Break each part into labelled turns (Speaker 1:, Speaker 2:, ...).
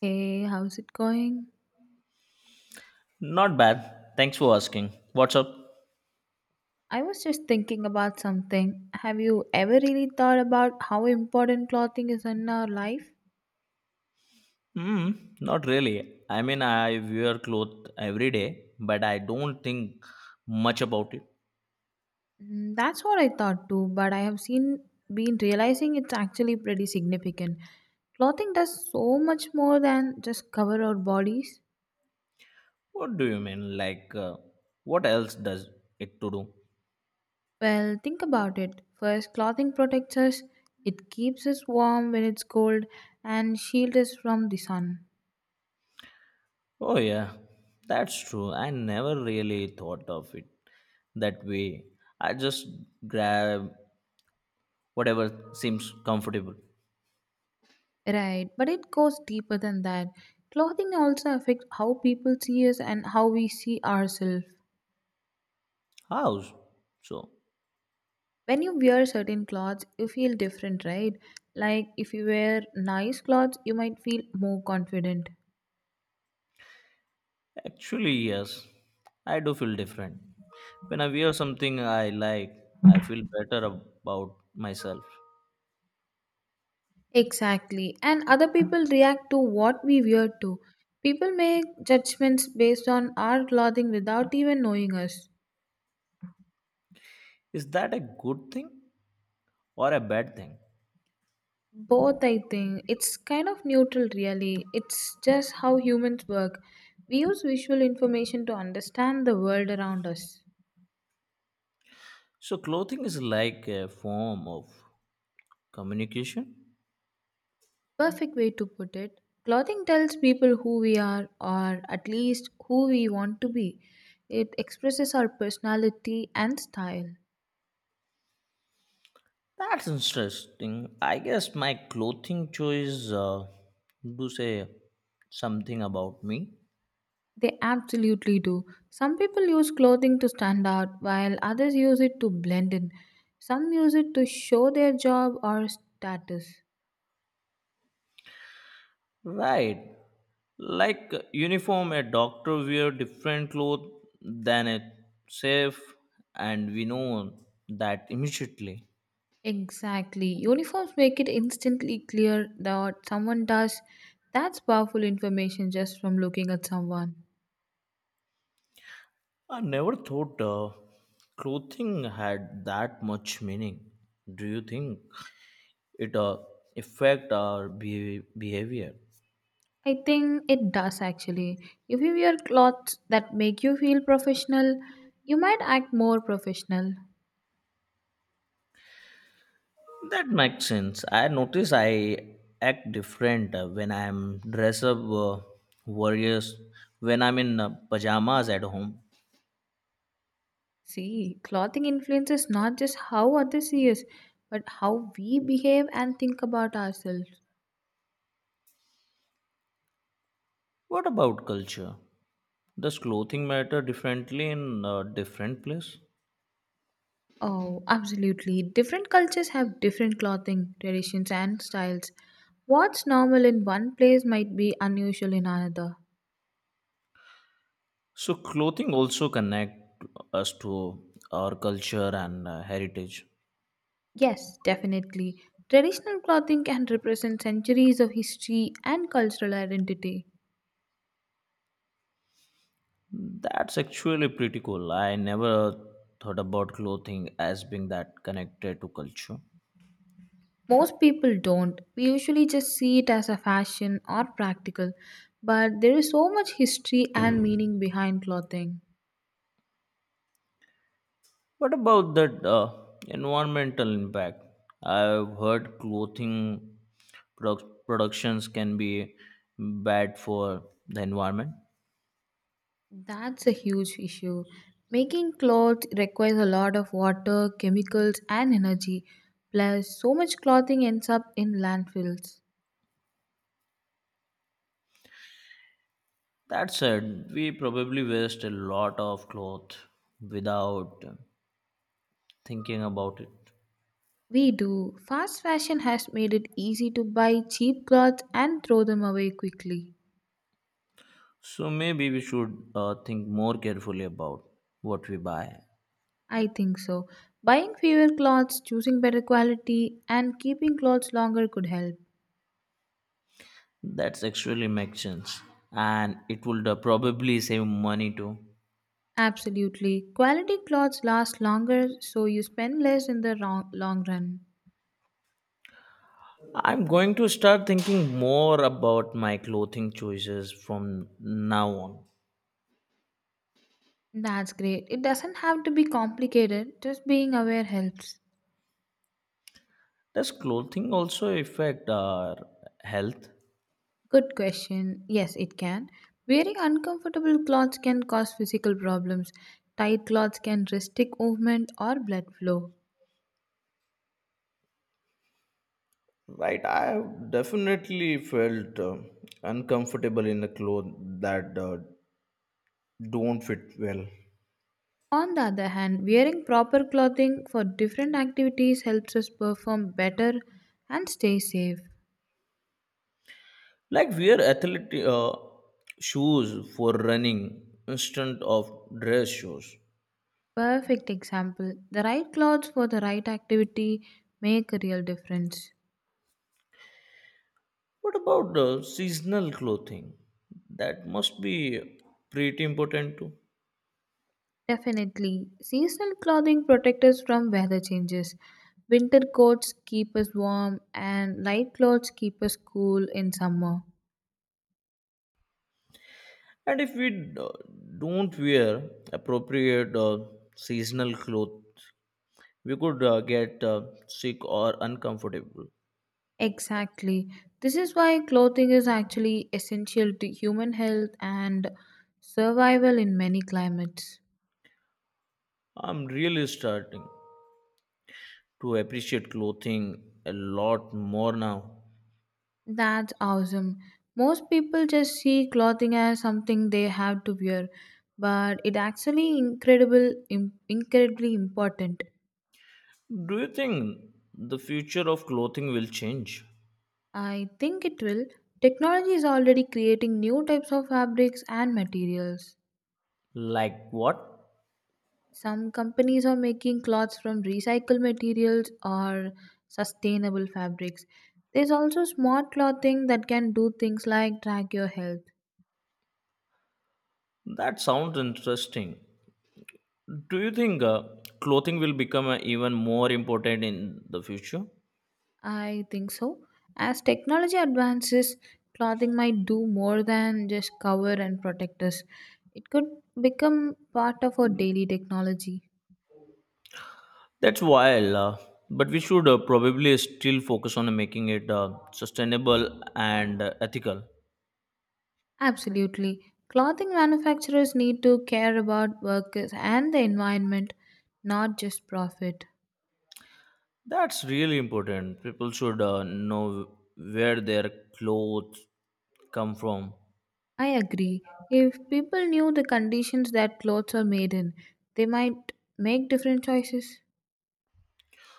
Speaker 1: Hey, how's it going?
Speaker 2: Not bad. Thanks for asking. What's up?
Speaker 1: I was just thinking about something. Have you ever really thought about how important clothing is in our life?
Speaker 2: Hmm, not really. I mean, I wear clothes every day, but I don't think much about it.
Speaker 1: Mm, that's what I thought too, but I have seen been realizing it's actually pretty significant. Clothing does so much more than just cover our bodies.
Speaker 2: What do you mean? What else does it to do?
Speaker 1: Well, think about it. First, clothing protects us. It keeps us warm when it's cold and shields us from the sun.
Speaker 2: Oh, yeah, that's true. I never really thought of it that way. I just grab whatever seems comfortable.
Speaker 1: Right, but it goes deeper than that. Clothing also affects how people see us and how we see ourselves.
Speaker 2: House. So.
Speaker 1: When you wear certain clothes, you feel different, right? Like if you wear nice clothes, you might feel more confident.
Speaker 2: Actually, yes, I do feel different. When I wear something I like, I feel better about myself.
Speaker 1: Exactly, and other people react to what we wear too. People make judgments based on our clothing without even knowing us.
Speaker 2: Is that a good thing or a bad thing?
Speaker 1: Both, I think. It's kind of neutral, really. It's just how humans work. We use visual information to understand the world around us.
Speaker 2: So, clothing is like a form of communication.
Speaker 1: Perfect way to put it. Clothing tells people who we are, or at least who we want to be. It expresses our personality and style.
Speaker 2: That's interesting. I guess my clothing choice do say something about me.
Speaker 1: They absolutely do. Some people use clothing to stand out, while others use it to blend in. Some use it to show their job or status.
Speaker 2: Right. Like uniform, a doctor wear different clothes than a chef, and we know that immediately.
Speaker 1: Exactly. Uniforms make it instantly clear that what someone does. That's powerful information just from looking at someone.
Speaker 2: I never thought clothing had that much meaning. Do you think it affect our behavior?
Speaker 1: I think it does actually. If you wear clothes that make you feel professional, you might act more professional.
Speaker 2: That makes sense. I notice I act different when I'm dress up, warriors, when I'm in pajamas at home.
Speaker 1: See, clothing influences not just how others see us, but how we behave and think about ourselves.
Speaker 2: What about culture? Does clothing matter differently in a different place?
Speaker 1: Oh, absolutely. Different cultures have different clothing traditions and styles. What's normal in one place might be unusual in another.
Speaker 2: So clothing also connect us to our culture and heritage.
Speaker 1: Yes, definitely. Traditional clothing can represent centuries of history and cultural identity.
Speaker 2: That's actually pretty cool. I never thought about clothing as being that connected to culture.
Speaker 1: Most people don't. We usually just see it as a fashion or practical, but there is so much history and meaning behind clothing.
Speaker 2: What about that environmental impact? I've heard clothing productions can be bad for the environment.
Speaker 1: That's a huge issue. Making clothes requires a lot of water, chemicals, and energy. Plus, so much clothing ends up in landfills.
Speaker 2: That said, we probably waste a lot of cloth without thinking about it.
Speaker 1: We do. Fast fashion has made it easy to buy cheap clothes and throw them away quickly.
Speaker 2: So maybe we should think more carefully about what we buy.
Speaker 1: I think so. Buying fewer clothes, choosing better quality, and keeping clothes longer could help.
Speaker 2: That's actually makes sense, and it would probably save money too.
Speaker 1: Absolutely. Quality clothes last longer, so you spend less in the long run.
Speaker 2: I'm going to start thinking more about my clothing choices from now on.
Speaker 1: That's great. It doesn't have to be complicated, just being aware helps.
Speaker 2: Does clothing also affect our health?
Speaker 1: Good question. Yes, it can. Wearing uncomfortable clothes can cause physical problems. Tight clothes can restrict movement or blood flow.
Speaker 2: Right, I have definitely felt uncomfortable in the clothes that don't fit well.
Speaker 1: On the other hand, wearing proper clothing for different activities helps us perform better and stay safe.
Speaker 2: Like wear athletic shoes for running instead of dress shoes.
Speaker 1: Perfect example. The right clothes for the right activity make a real difference.
Speaker 2: What about the seasonal clothing? That must be pretty important too.
Speaker 1: Definitely. Seasonal clothing protect us from weather changes. Winter coats keep us warm and light clothes keep us cool in summer.
Speaker 2: And if we don't wear appropriate seasonal clothes, we could get sick or uncomfortable.
Speaker 1: Exactly. This is why clothing is actually essential to human health and survival in many climates.
Speaker 2: I'm really starting to appreciate clothing a lot more now.
Speaker 1: That's awesome. Most people just see clothing as something they have to wear, but it actually incredibly important.
Speaker 2: Do you think the future of clothing will change?
Speaker 1: I think it will. Technology is already creating new types of fabrics and materials.
Speaker 2: Like what?
Speaker 1: Some companies are making cloths from recycled materials or sustainable fabrics. There's also smart clothing that can do things like track your health.
Speaker 2: That sounds interesting. Do you think clothing will become even more important in the future?
Speaker 1: I think so. As technology advances, clothing might do more than just cover and protect us. It could become part of our daily technology.
Speaker 2: That's wild, but we should probably still focus on making it sustainable and ethical.
Speaker 1: Absolutely. Clothing manufacturers need to care about workers and the environment, not just profit.
Speaker 2: That's really important. People should know where their clothes come from.
Speaker 1: I agree. If people knew the conditions that clothes are made in, they might make different choices.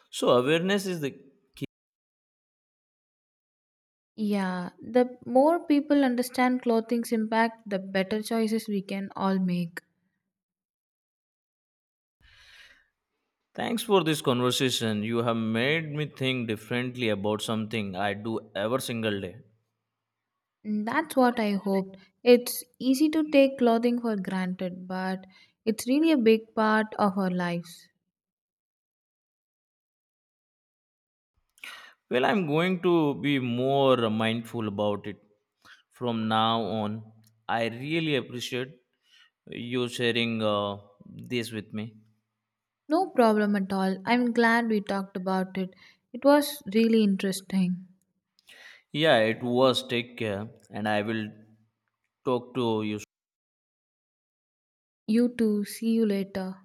Speaker 2: So, awareness is the.
Speaker 1: Yeah, the more people understand clothing's impact, the better choices we can all make.
Speaker 2: Thanks for this conversation. You have made me think differently about something I do every single day.
Speaker 1: And that's what I hoped. It's easy to take clothing for granted, but it's really a big part of our lives.
Speaker 2: Well, I'm going to be more mindful about it from now on. I really appreciate you sharing this with me.
Speaker 1: No problem at all. I'm glad we talked about it. It was really interesting.
Speaker 2: Yeah, it was. Take care, and I will talk to you.
Speaker 1: You too. See you later.